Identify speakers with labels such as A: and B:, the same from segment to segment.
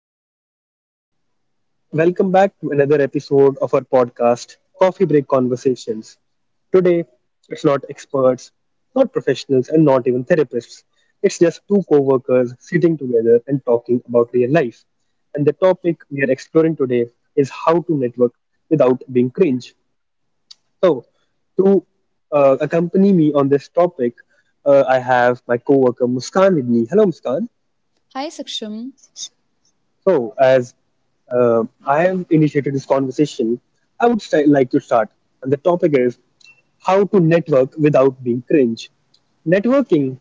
A: everyone. Welcome back to another episode of our podcast, Coffee Break Conversations. Today, it's not experts, not professionals, and not even therapists. It's just two co workers sitting together and talking about real life. And the topic we are exploring today is how to network without being cringe. So, to accompany me on this topic, I have my co worker Muskan with me. Hello, Muskan.
B: Hi, Saksham.
A: So, as I have initiated this conversation, I would like to start. And the topic is how to network without being cringe. Networking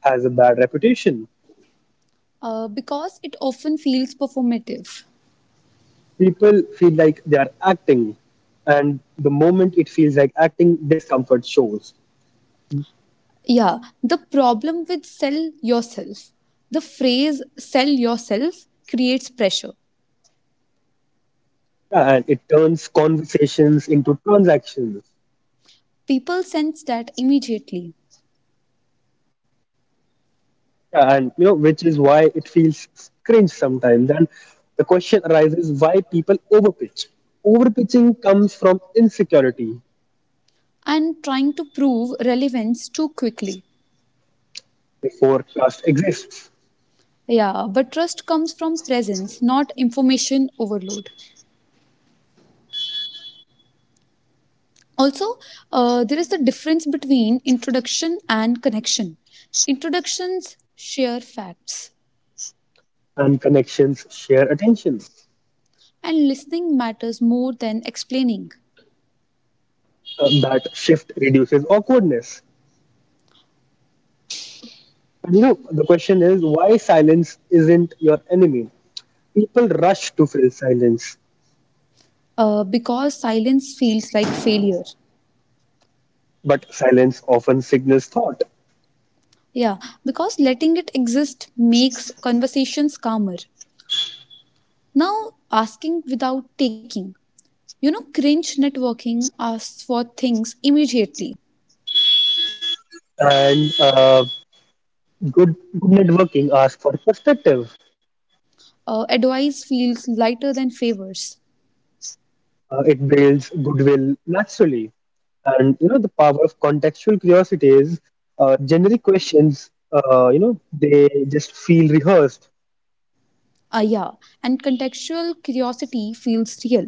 A: has a bad reputation.
B: Because it often feels performative.
A: People feel like they are acting, and the moment it feels like acting, discomfort shows.
B: Yeah, the problem with sell yourself, the phrase sell yourself creates pressure.
A: And it turns conversations into transactions.
B: People sense that immediately
A: Yeah, and which is why it feels cringe sometimes. And the question arises why people overpitch. Overpitching comes from insecurity
B: and trying to prove relevance too quickly.
A: before trust exists
B: Yeah, but trust comes from presence, not information overload. Also, there is the difference between introduction and connection. Introductions share facts,
A: and connections share attention.
B: and listening matters more than explaining
A: That shift reduces awkwardness. And the question is, why silence isn't your enemy? People rush to fill silence,
B: because silence feels like failure.
A: but silence often signals thought.
B: Yeah, because letting it exist makes conversations calmer. Now, asking without taking. Cringe networking asks for things immediately.
A: And good networking asks for perspective.
B: Advice feels lighter than favors.
A: It builds goodwill naturally. And the power of contextual curiosity is generic questions. They just feel rehearsed
B: Yeah, and contextual curiosity feels real.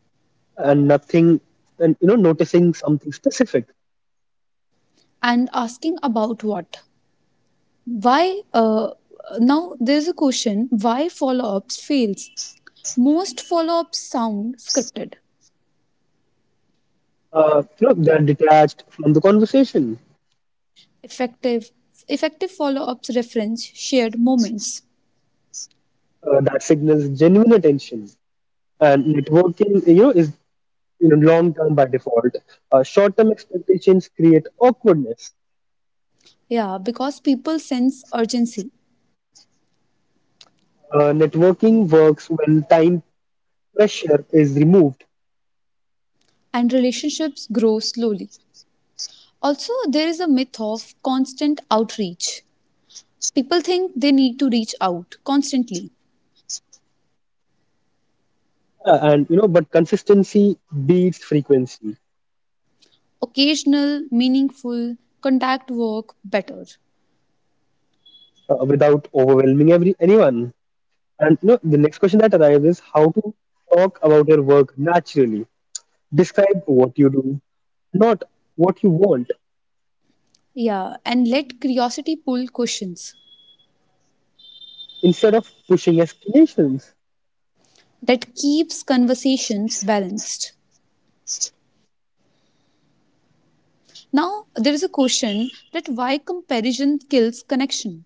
A: and nothing, and noticing something specific,
B: And asking about what? Why? Now, there's a question why follow ups fails. Most follow-ups sound scripted.
A: They're detached from the conversation.
B: Effective effective follow-ups reference shared moments.
A: That signals genuine attention. And networking, you know, is long term by default. Short term expectations create awkwardness.
B: Yeah, because people sense urgency
A: Networking works when time pressure is removed.
B: and relationships grow slowly. Also, there is a myth of constant outreach. People think they need to reach out constantly.
A: Yeah, and but consistency beats frequency
B: Occasional, meaningful contact work better.
A: without overwhelming every anyone. And the next question that arrives is how to talk about your work naturally. Describe what you do, not what you want,
B: Yeah, and let curiosity pull questions
A: instead of pushing explanations.
B: that keeps conversations balanced. Now, there is a question that why comparison kills connection.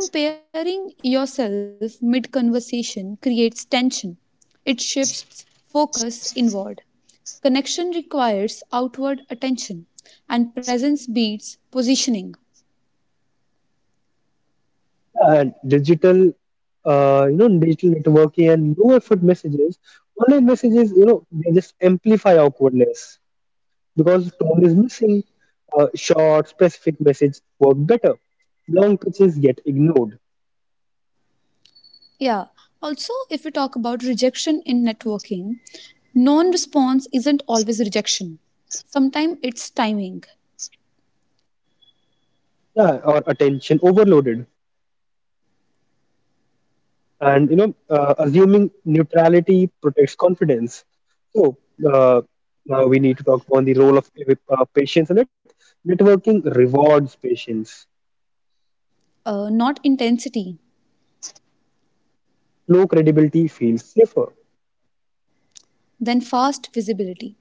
B: Comparing yourself mid conversation creates tension. It shifts focus inward. Connection requires outward attention, and presence beats positioning.
A: And digital, digital networking and low effort messages, online messages, they just amplify awkwardness, because tone is missing. Short, specific messages work better. Long pitches get ignored,
B: Yeah, also, if we talk about rejection in networking, non response isn't always rejection. Sometimes it's timing,
A: yeah, or attention overloaded. And assuming neutrality protects confidence. So uh, now we need to talk about the role of patience in it. Networking rewards patience.
B: not intensity,
A: Low credibility feels safer.
B: then fast visibility.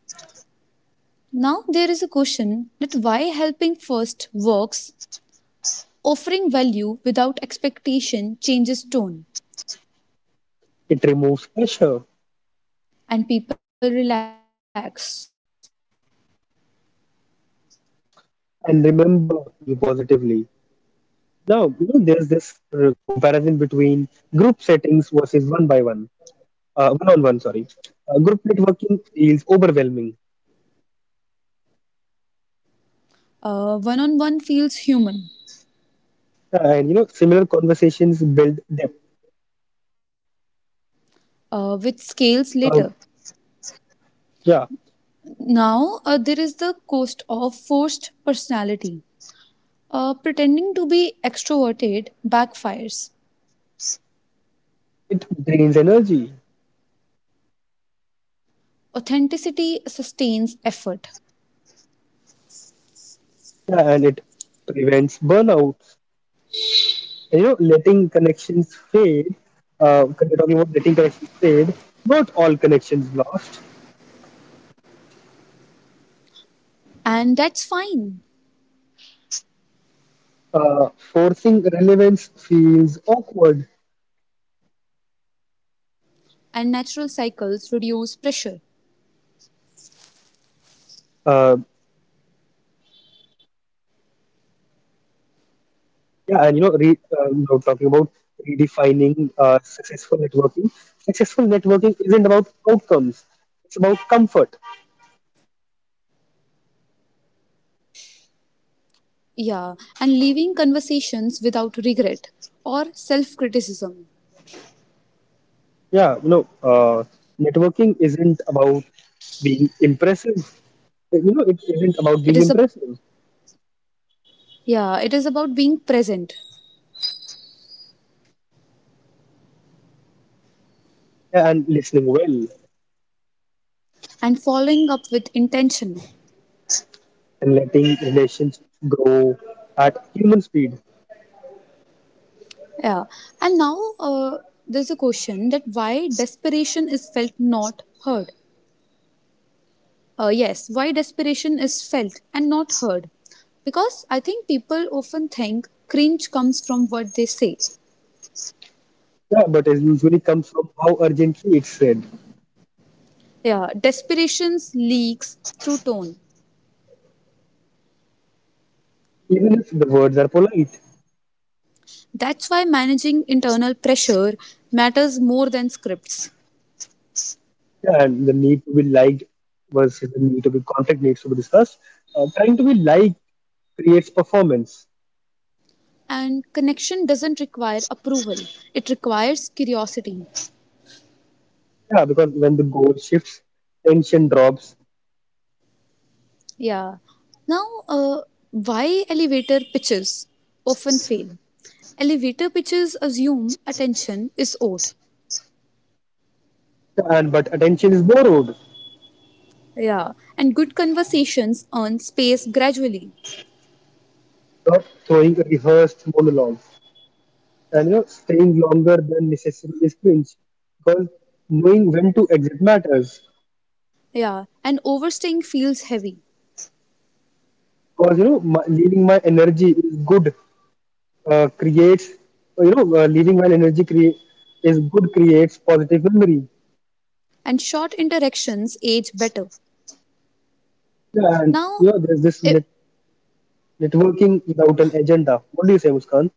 B: Now there is a question that why helping first works, offering value without expectation changes tone,
A: It removes pressure
B: and people relax.
A: and remember you positively. Now, there's this comparison between group settings versus one by one one-on-one, sorry. Group networking feels overwhelming,
B: One on one feels human,
A: and similar conversations build depth.
B: which scales
A: Um,
B: later.
A: yeah,
B: Now there is the cost of forced personality. Pretending to be extroverted backfires.
A: it drains energy,
B: Authenticity sustains effort,
A: yeah, and it prevents burnouts. And, you know, letting connections fade. Talking about letting connections fade, not all connections lost.
B: and that's fine.
A: Forcing relevance feels awkward.
B: And natural cycles reduce pressure.
A: Uh, Yeah, and you know, re, you know, Talking about redefining successful networking. Successful networking isn't about outcomes; it's about comfort.
B: Yeah, and leaving conversations without regret or self-criticism.
A: Yeah, networking isn't about being impressive. It isn't about
B: It
A: being
B: is a
A: impressive.
B: Yeah, it is about being present
A: Yeah, and listening well
B: and following up with intention.
A: and letting relationships grow at human speed.
B: Yeah, and now there's a question that why desperation is felt not heard. Yes, why desperation is felt and not heard. Because I think people often think cringe comes from what they say.
A: Yeah, but it usually comes from how urgently it's said,
B: Yeah, desperations leaks through tone.
A: even if the words are polite.
B: That's why managing internal pressure matters more than scripts.
A: And the need to be liked versus the need to be contact needs to be discussed. Trying to be liked creates performance.
B: And connection doesn't require approval, it requires curiosity.
A: Yeah, because when the goal shifts, tension drops,
B: Yeah. Now, why elevator pitches often fail? Elevator pitches assume attention is owed.
A: and but attention is borrowed,
B: Yeah. And good conversations earn space gradually.
A: not throwing a rehearsed monologue. And staying longer than necessary is cringe, because knowing when to exit matters.
B: Yeah. And overstaying feels heavy.
A: Because leaving my energy is good uh, creates. Leaving my energy create is good creates positive memory.
B: And short interactions age better.
A: Yeah, and
B: Now,
A: you know, there's this
B: i-
A: net networking without an agenda. What do you say, Muskan?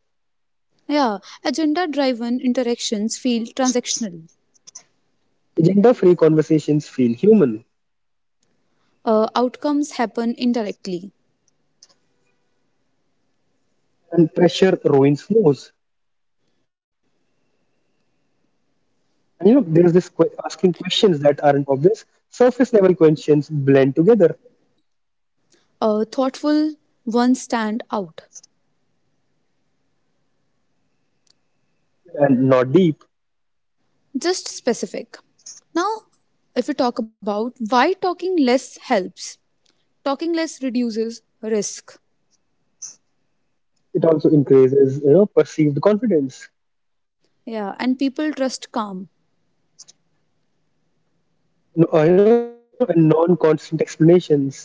B: yeah, agenda driven interactions feel transactional.
A: Agenda-free conversations feel human,
B: Outcomes happen indirectly.
A: and pressure ruins flows. And you know, there's this que asking questions that aren't obvious. Surface-level questions blend together
B: Thoughtful ones stand out.
A: and not deep.
B: Just specific. Now, if we talk about why talking less helps, talking less reduces risk.
A: It also increases, you know, perceived confidence.
B: Yeah, and people trust calm.
A: No, you know, and Non-constant explanations.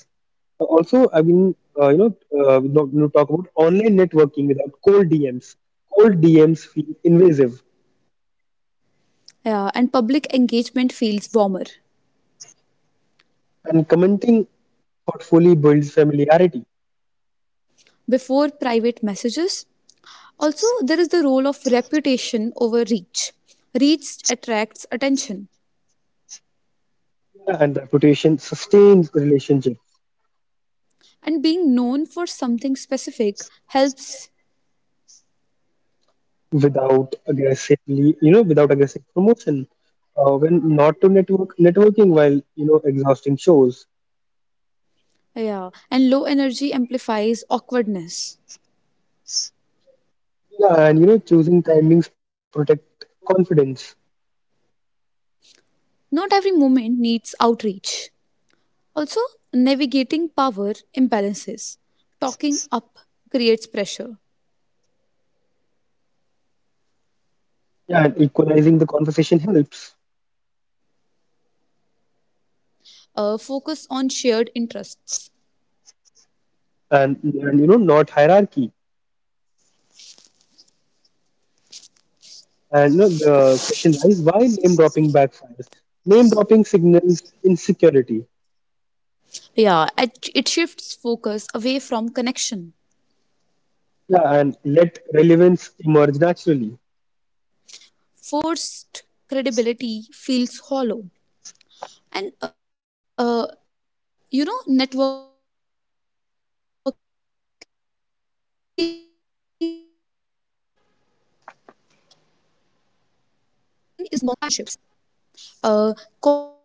A: Also, I mean, you know, we don't- We talk about online networking without cold DMs. Cold DMs feel invasive,
B: Yeah, and public engagement feels warmer
A: and commenting thoughtfully builds familiarity,
B: before private messages. Also, there is the role of reputation over reach. Reach attracts attention.
A: yeah, and reputation sustains relationship
B: And being known for something specific helps,
A: without aggressively you know without aggressive promotion. When not to network, networking while exhausting shows.
B: yeah, and low energy amplifies awkwardness.
A: Yeah, and choosing timings protect confidence.
B: Not every moment needs outreach. Also, navigating power imbalances. Talking up creates pressure.
A: Yeah, and equalizing the conversation helps,
B: Focus on shared interests.
A: and not hierarchy. And the question is why name dropping backfires. Name dropping signals insecurity.
B: Yeah, it shifts focus away from connection.
A: Yeah, and let relevance emerge naturally.
B: Forced credibility feels hollow. And, networking is not constant visibility. Silence doesn't erase relationships. Uh, Quality interactions last.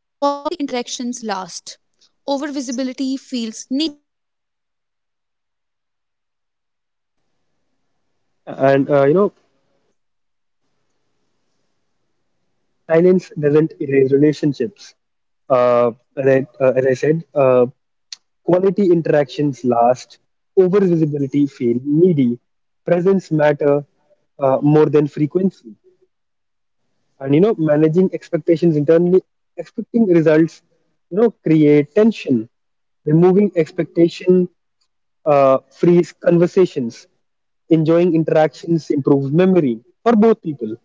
B: Overvisibility feels needy, and presence matters more than frequency.
A: And silence doesn't erase relationships. Right, as I said, quality interactions last, over visibility feel needy, presence matter more than frequency. And managing expectations internally, expecting results, create tension. Removing expectation frees conversations. Enjoying interactions improves memory for both people.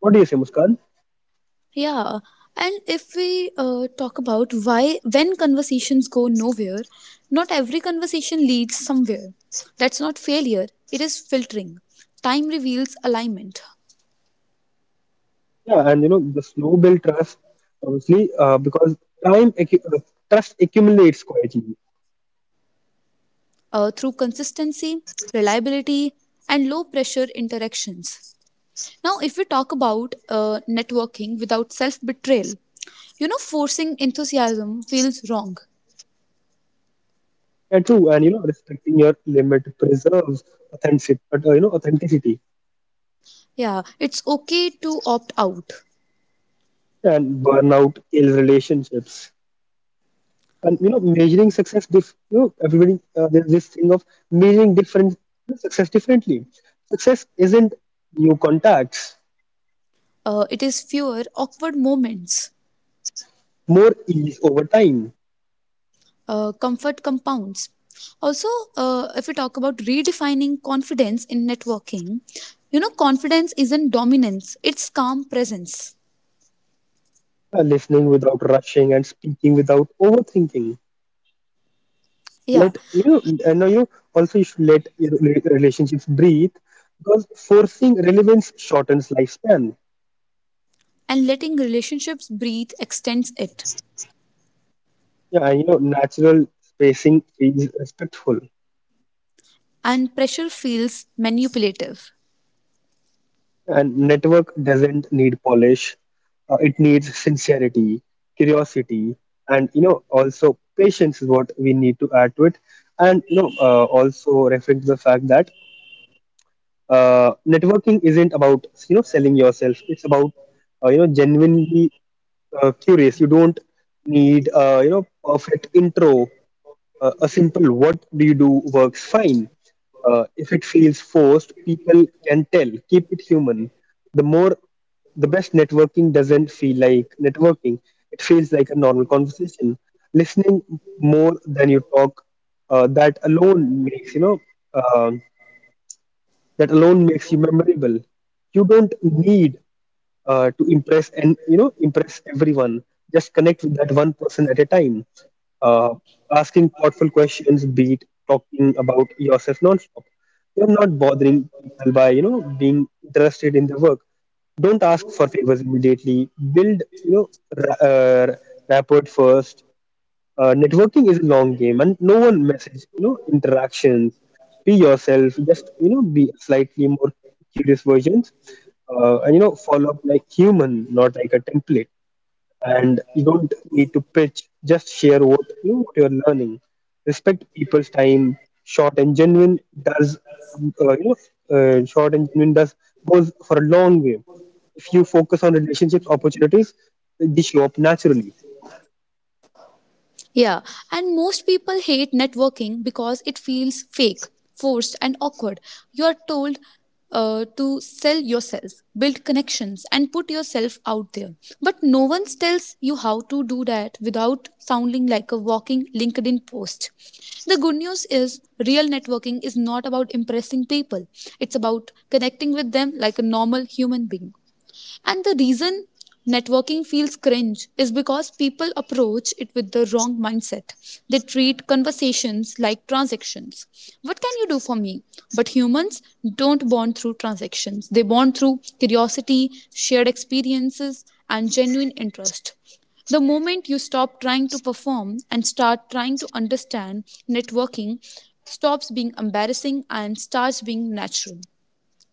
A: What do you say, Muskan?
B: Yeah, and if we talk about why, when conversations go nowhere, not every conversation leads somewhere. That's not failure, it is filtering. Time reveals alignment
A: Yeah, and the slow build trust obviously because time accu trust accumulates quietly.
B: through consistency, reliability, and low pressure interactions. Now, if we talk about networking without self betrayal, forcing enthusiasm feels wrong.
A: Yeah, true, and respecting your limit preserves authenticity, authenticity,
B: Yeah, it's okay to opt out.
A: and burnout kills relationships. And measuring success, dif- you know everybody there's this thing of measuring different success differently. Success isn't new contacts,
B: It is fewer awkward moments.
A: more ease over time,
B: Comfort compounds. Also, if we talk about redefining confidence in networking, confidence isn't dominance, it's calm presence.
A: listening without rushing and speaking without overthinking.
B: Yeah,
A: Let you no you also you should let your relationships breathe, because forcing relevance shortens lifespan.
B: and letting relationships breathe extends it.
A: Yeah, and, you know, natural spacing is respectful.
B: And pressure feels manipulative.
A: And network doesn't need polish. It needs sincerity, curiosity, and also patience is what we need to add to it. And also referring to the fact that networking isn't about selling yourself, it's about genuinely curious. You don't need perfect intro. A simple "What do you do?" works fine. If it feels forced, people can tell. Keep it human. The more, the best networking doesn't feel like networking. It feels like a normal conversation. Listening more than you talk, uh, that alone makes you know uh, that alone makes you memorable. You don't need to impress and impress everyone, just connect with that one person at a time. uh, Asking thoughtful questions, be it talking about yourself, non you're not bothering people by being interested in the work. Don't ask for favors immediately, build, ra- uh, rapport first. Networking is a long game, and no one message. You know, interactions. Be yourself. Just be slightly more curious versions, follow up like human, not like a template. And you don't need to pitch. Just share what you know, what you're learning. Respect people's time. Short and genuine does you know, short and genuine does goes for a long way. If you focus on relationships, opportunities they show up naturally.
B: Yeah, and most people hate networking because it feels fake, forced, and awkward. You are told to sell yourself, build connections, and put yourself out there. But no one tells you how to do that without sounding like a walking LinkedIn post. The good news is real networking is not about impressing people, it's about connecting with them like a normal human being. And the reason networking feels cringe is because people approach it with the wrong mindset. They treat conversations like transactions. What can you do for me? But humans don't bond through transactions. They bond through curiosity, shared experiences, and genuine interest. The moment you stop trying to perform and start trying to understand, networking stops being embarrassing and starts being natural.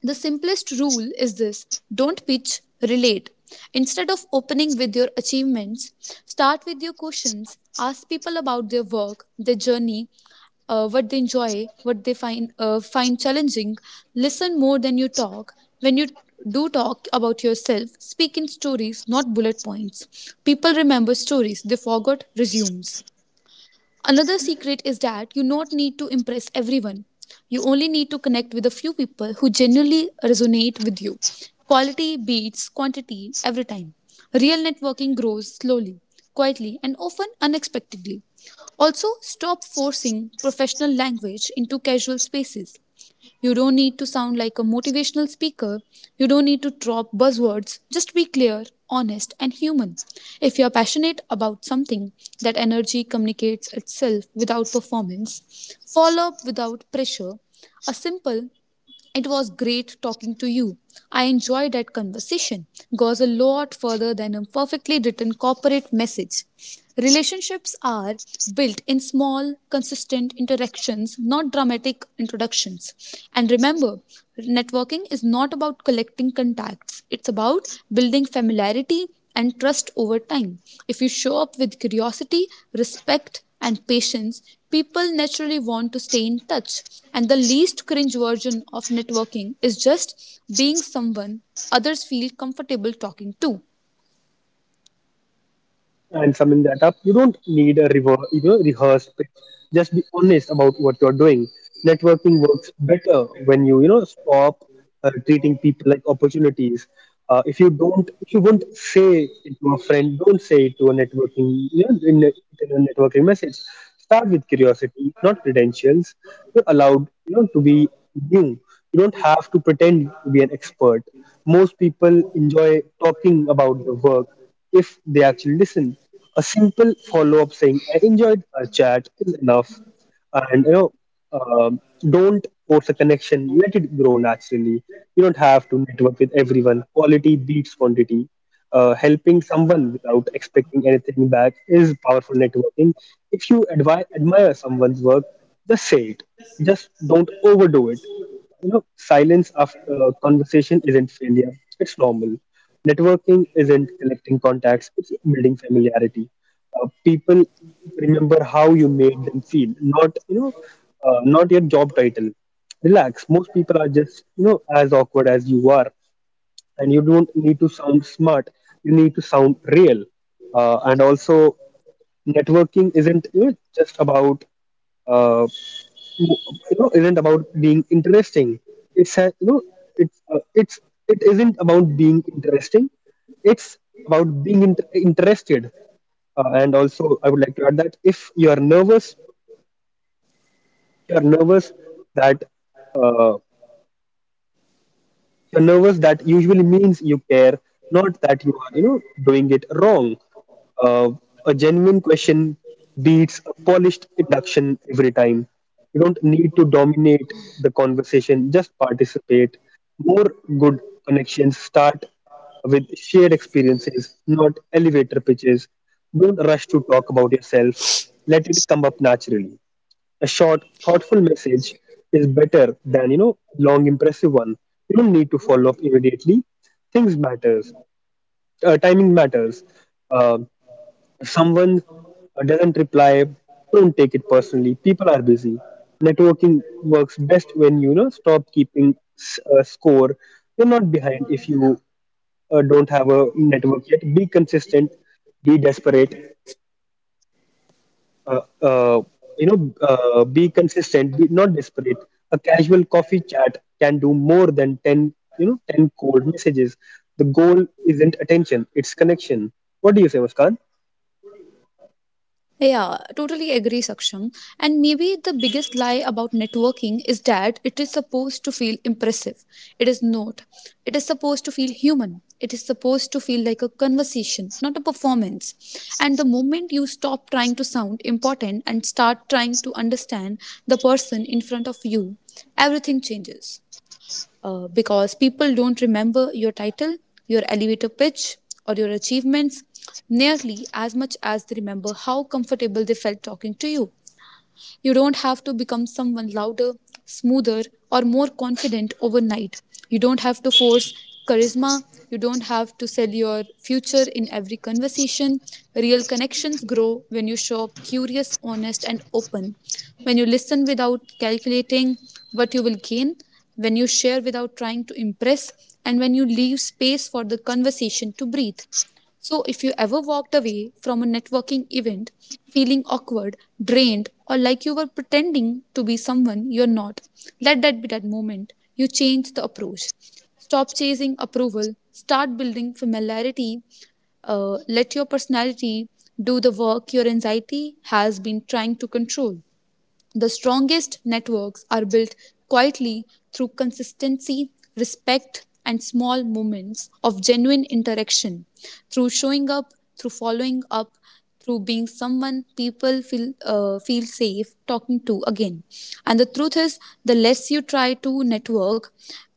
B: The simplest rule is this: don't pitch, relate. Instead of opening with your achievements, start with your questions. Ask people about their work, their journey, what they enjoy, what they find challenging. Listen more than you talk. When you do talk about yourself, speak in stories, not bullet points. People remember stories; they forgot resumes. Another secret is that you not need to impress everyone. You only need to connect with a few people who genuinely resonate with you. Quality beats quantity every time. Real networking grows slowly, quietly, and often unexpectedly. Also, stop forcing professional language into casual spaces. You don't need to sound like a motivational speaker. You don't need to drop buzzwords. Just be clear, honest, and human. If you're passionate about something, that energy communicates itself without performance. Follow up without pressure. A simple, "It was great talking to you. I enjoyed that conversation," goes a lot further than a perfectly written corporate message. Relationships are built in small, consistent interactions, not dramatic introductions. And remember, networking is not about collecting contacts. It's about building familiarity and trust over time. If you show up with curiosity, respect, and patience, people naturally want to stay in touch. And the least cringe version of networking is just being someone others feel comfortable talking to.
A: And summing that up, you don't need a rehearsed pitch. Just be honest about what you're doing. Networking works better when you know stop treating people like opportunities. If you won't say it to a friend, don't say it to a networking you know, in a networking message. Start with curiosity, not credentials. You're allowed to be new. You don't have to pretend to be an expert. Most people enjoy talking about their work if they actually listen. A simple follow up saying, "I enjoyed our chat," is enough. And, um, don't force a connection, let it grow naturally. You don't have to network with everyone. Quality beats quantity. Helping someone without expecting anything back is powerful networking. If you admire someone's work, just say it. Just don't overdo it. Silence after conversation isn't failure, it's normal. Networking isn't collecting contacts, it's building familiarity. People remember how you made them feel, not not your job title. Relax. Most people are just as awkward as you are, and you don't need to sound smart. You need to sound real. And also networking isn't you know, just about uh, you know isn't about being interesting, it's a- you know it's it isn't about being interesting, it's about being interested. And also I would like to add that if you are nervous you are nervous that uh, usually means you care, not that you are, you know, doing it wrong. Uh, a genuine question beats a polished induction every time. You don't need to dominate the conversation, just participate. More good connections start with shared experiences, not elevator pitches. Don't rush to talk about yourself. Let it come up naturally. A short, thoughtful message is better than long, impressive one. You don't need to follow up immediately. Things matters. Timing matters. Uh, if someone doesn't reply, don't take it personally. People are busy. Networking works best when you know stop keeping score. You're not behind if you don't have a network yet. Be consistent. Be desperate uh, uh, you know, be consistent, be not desperate. A casual coffee chat can do more than 10, 10 cold messages. The goal isn't attention, it's connection. What do you say, Muskan?
B: Yeah, totally agree, Saksham. And maybe the biggest lie about networking is that it is supposed to feel impressive. It is not. It is supposed to feel human. It is supposed to feel like a conversation, not a performance. And the moment you stop trying to sound important and start trying to understand the person in front of you, everything changes because people don't remember your title, your elevator pitch, or your achievements nearly as much as they remember how comfortable they felt talking to you. You don't have to become someone louder, smoother, or more confident overnight. You don't have to force charisma. You don't have to sell your future in every conversation. Real connections grow when you show up curious, honest, and open. When you listen without calculating what you will gain. When you share without trying to impress. And when you leave space for the conversation to breathe. So, if you ever walked away from a networking event feeling awkward, drained, or like you were pretending to be someone you're not, let that be that moment. You change the approach. Stop chasing approval, start building familiarity, let your personality do the work your anxiety has been trying to control. The strongest networks are built quietly through consistency, respect, and small moments of genuine interaction, through showing up, through following up, through being someone people feel safe talking to again. And the truth is, the less you try to network,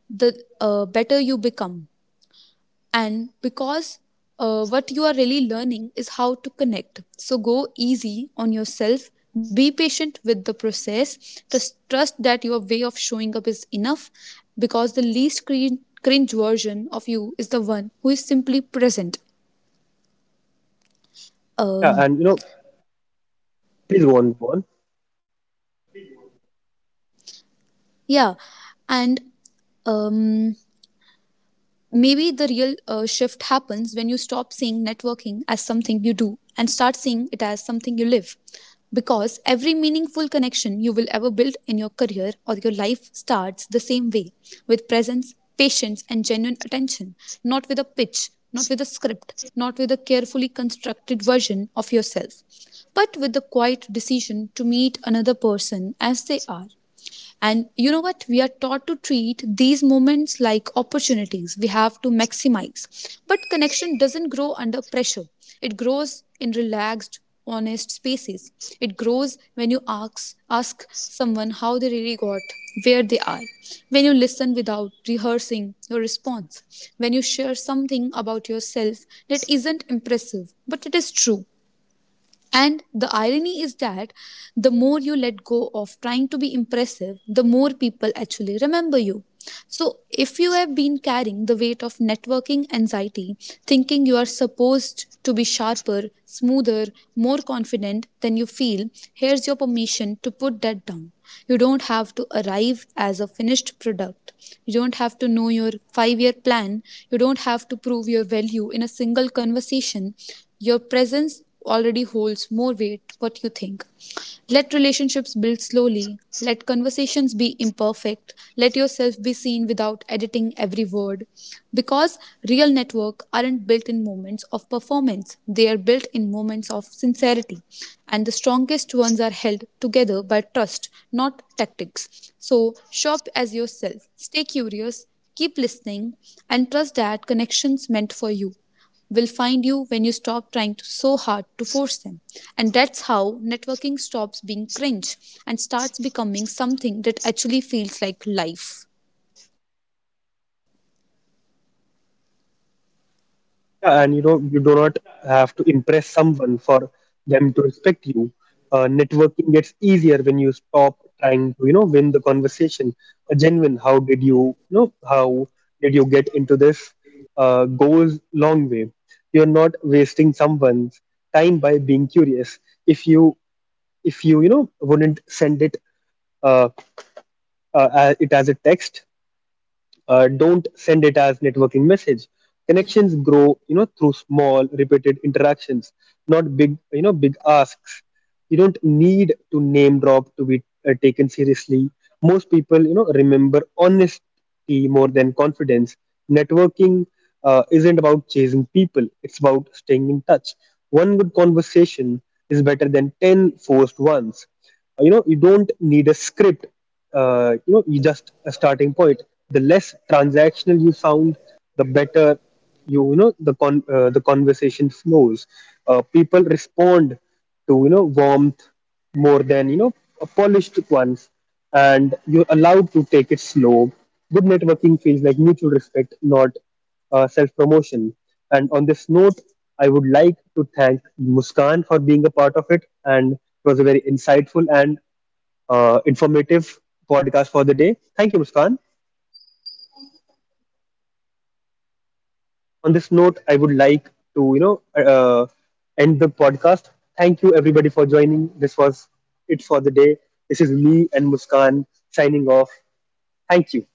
B: the better you become, and because what you are really learning is how to connect. So go easy on yourself, be patient with the process, trust that your way of showing up is enough, because the least cringe version of you is the one who is simply present.
A: Yeah,
B: um
A: and you know, please go on, go on.
B: yeah. And um maybe the real shift happens when you stop seeing networking as something you do and start seeing it as something you live. Because every meaningful connection you will ever build in your career or your life starts the same way: with presence, patience, and genuine attention, not with a pitch, not with a script, not with a carefully constructed version of yourself, but with the quiet decision to meet another person as they are. And you know what? We are taught to treat these moments like opportunities we have to maximize. But connection doesn't grow under pressure, it grows in relaxed, honest spaces. It grows when you ask someone how they really got where they are, when you listen without rehearsing your response, when you share something about yourself that isn't impressive, but it is true. And the irony is that the more you let go of trying to be impressive, the more people actually remember you. So, if you have been carrying the weight of networking anxiety, thinking you are supposed to be sharper, smoother, more confident than you feel, here's your permission to put that down. You don't have to arrive as a finished product. You don't have to know your 5-year plan. You don't have to prove your value in a single conversation. Your presence already holds more weight what you think. Let relationships build slowly, let conversations be imperfect, let yourself be seen without editing every word, because real networks aren't built in moments of performance, they are built in moments of sincerity. And the strongest ones are held together by trust, not tactics. So shop as yourself, stay curious, keep listening, and trust that connections meant for you will find you when you stop trying to, so hard to force them. And that's how networking stops being cringe and starts becoming something that actually feels like life.
A: Yeah, and you do not have to impress someone for them to respect you. Networking gets easier when you stop trying to, you know, win the conversation. A genuine, "How did you, how did you get into this," goes long way. You're not wasting someone's time by being curious. If you, if you wouldn't send it, uh, it as a text, don't send it as networking message. Connections grow through small repeated interactions, not big big asks. You don't need to name drop to be taken seriously. Most people remember honesty more than confidence. Networking isn't about chasing people, it's about staying in touch. One good conversation is better than 10 forced ones. You don't need a script, you just a starting point. The less transactional you sound, the better the conversation flows. People respond to warmth more than polished ones. And you're allowed to take it slow. Good networking feels like mutual respect, not self-promotion. And on this note, I would like to thank Muskan for being a part of it, and it was a very insightful and informative podcast for the day. Thank you, Muskan. On this note, I would like to uh, end the podcast. Thank you, everybody, for joining. This was it for the day. This is me and Muskan signing off. Thank you.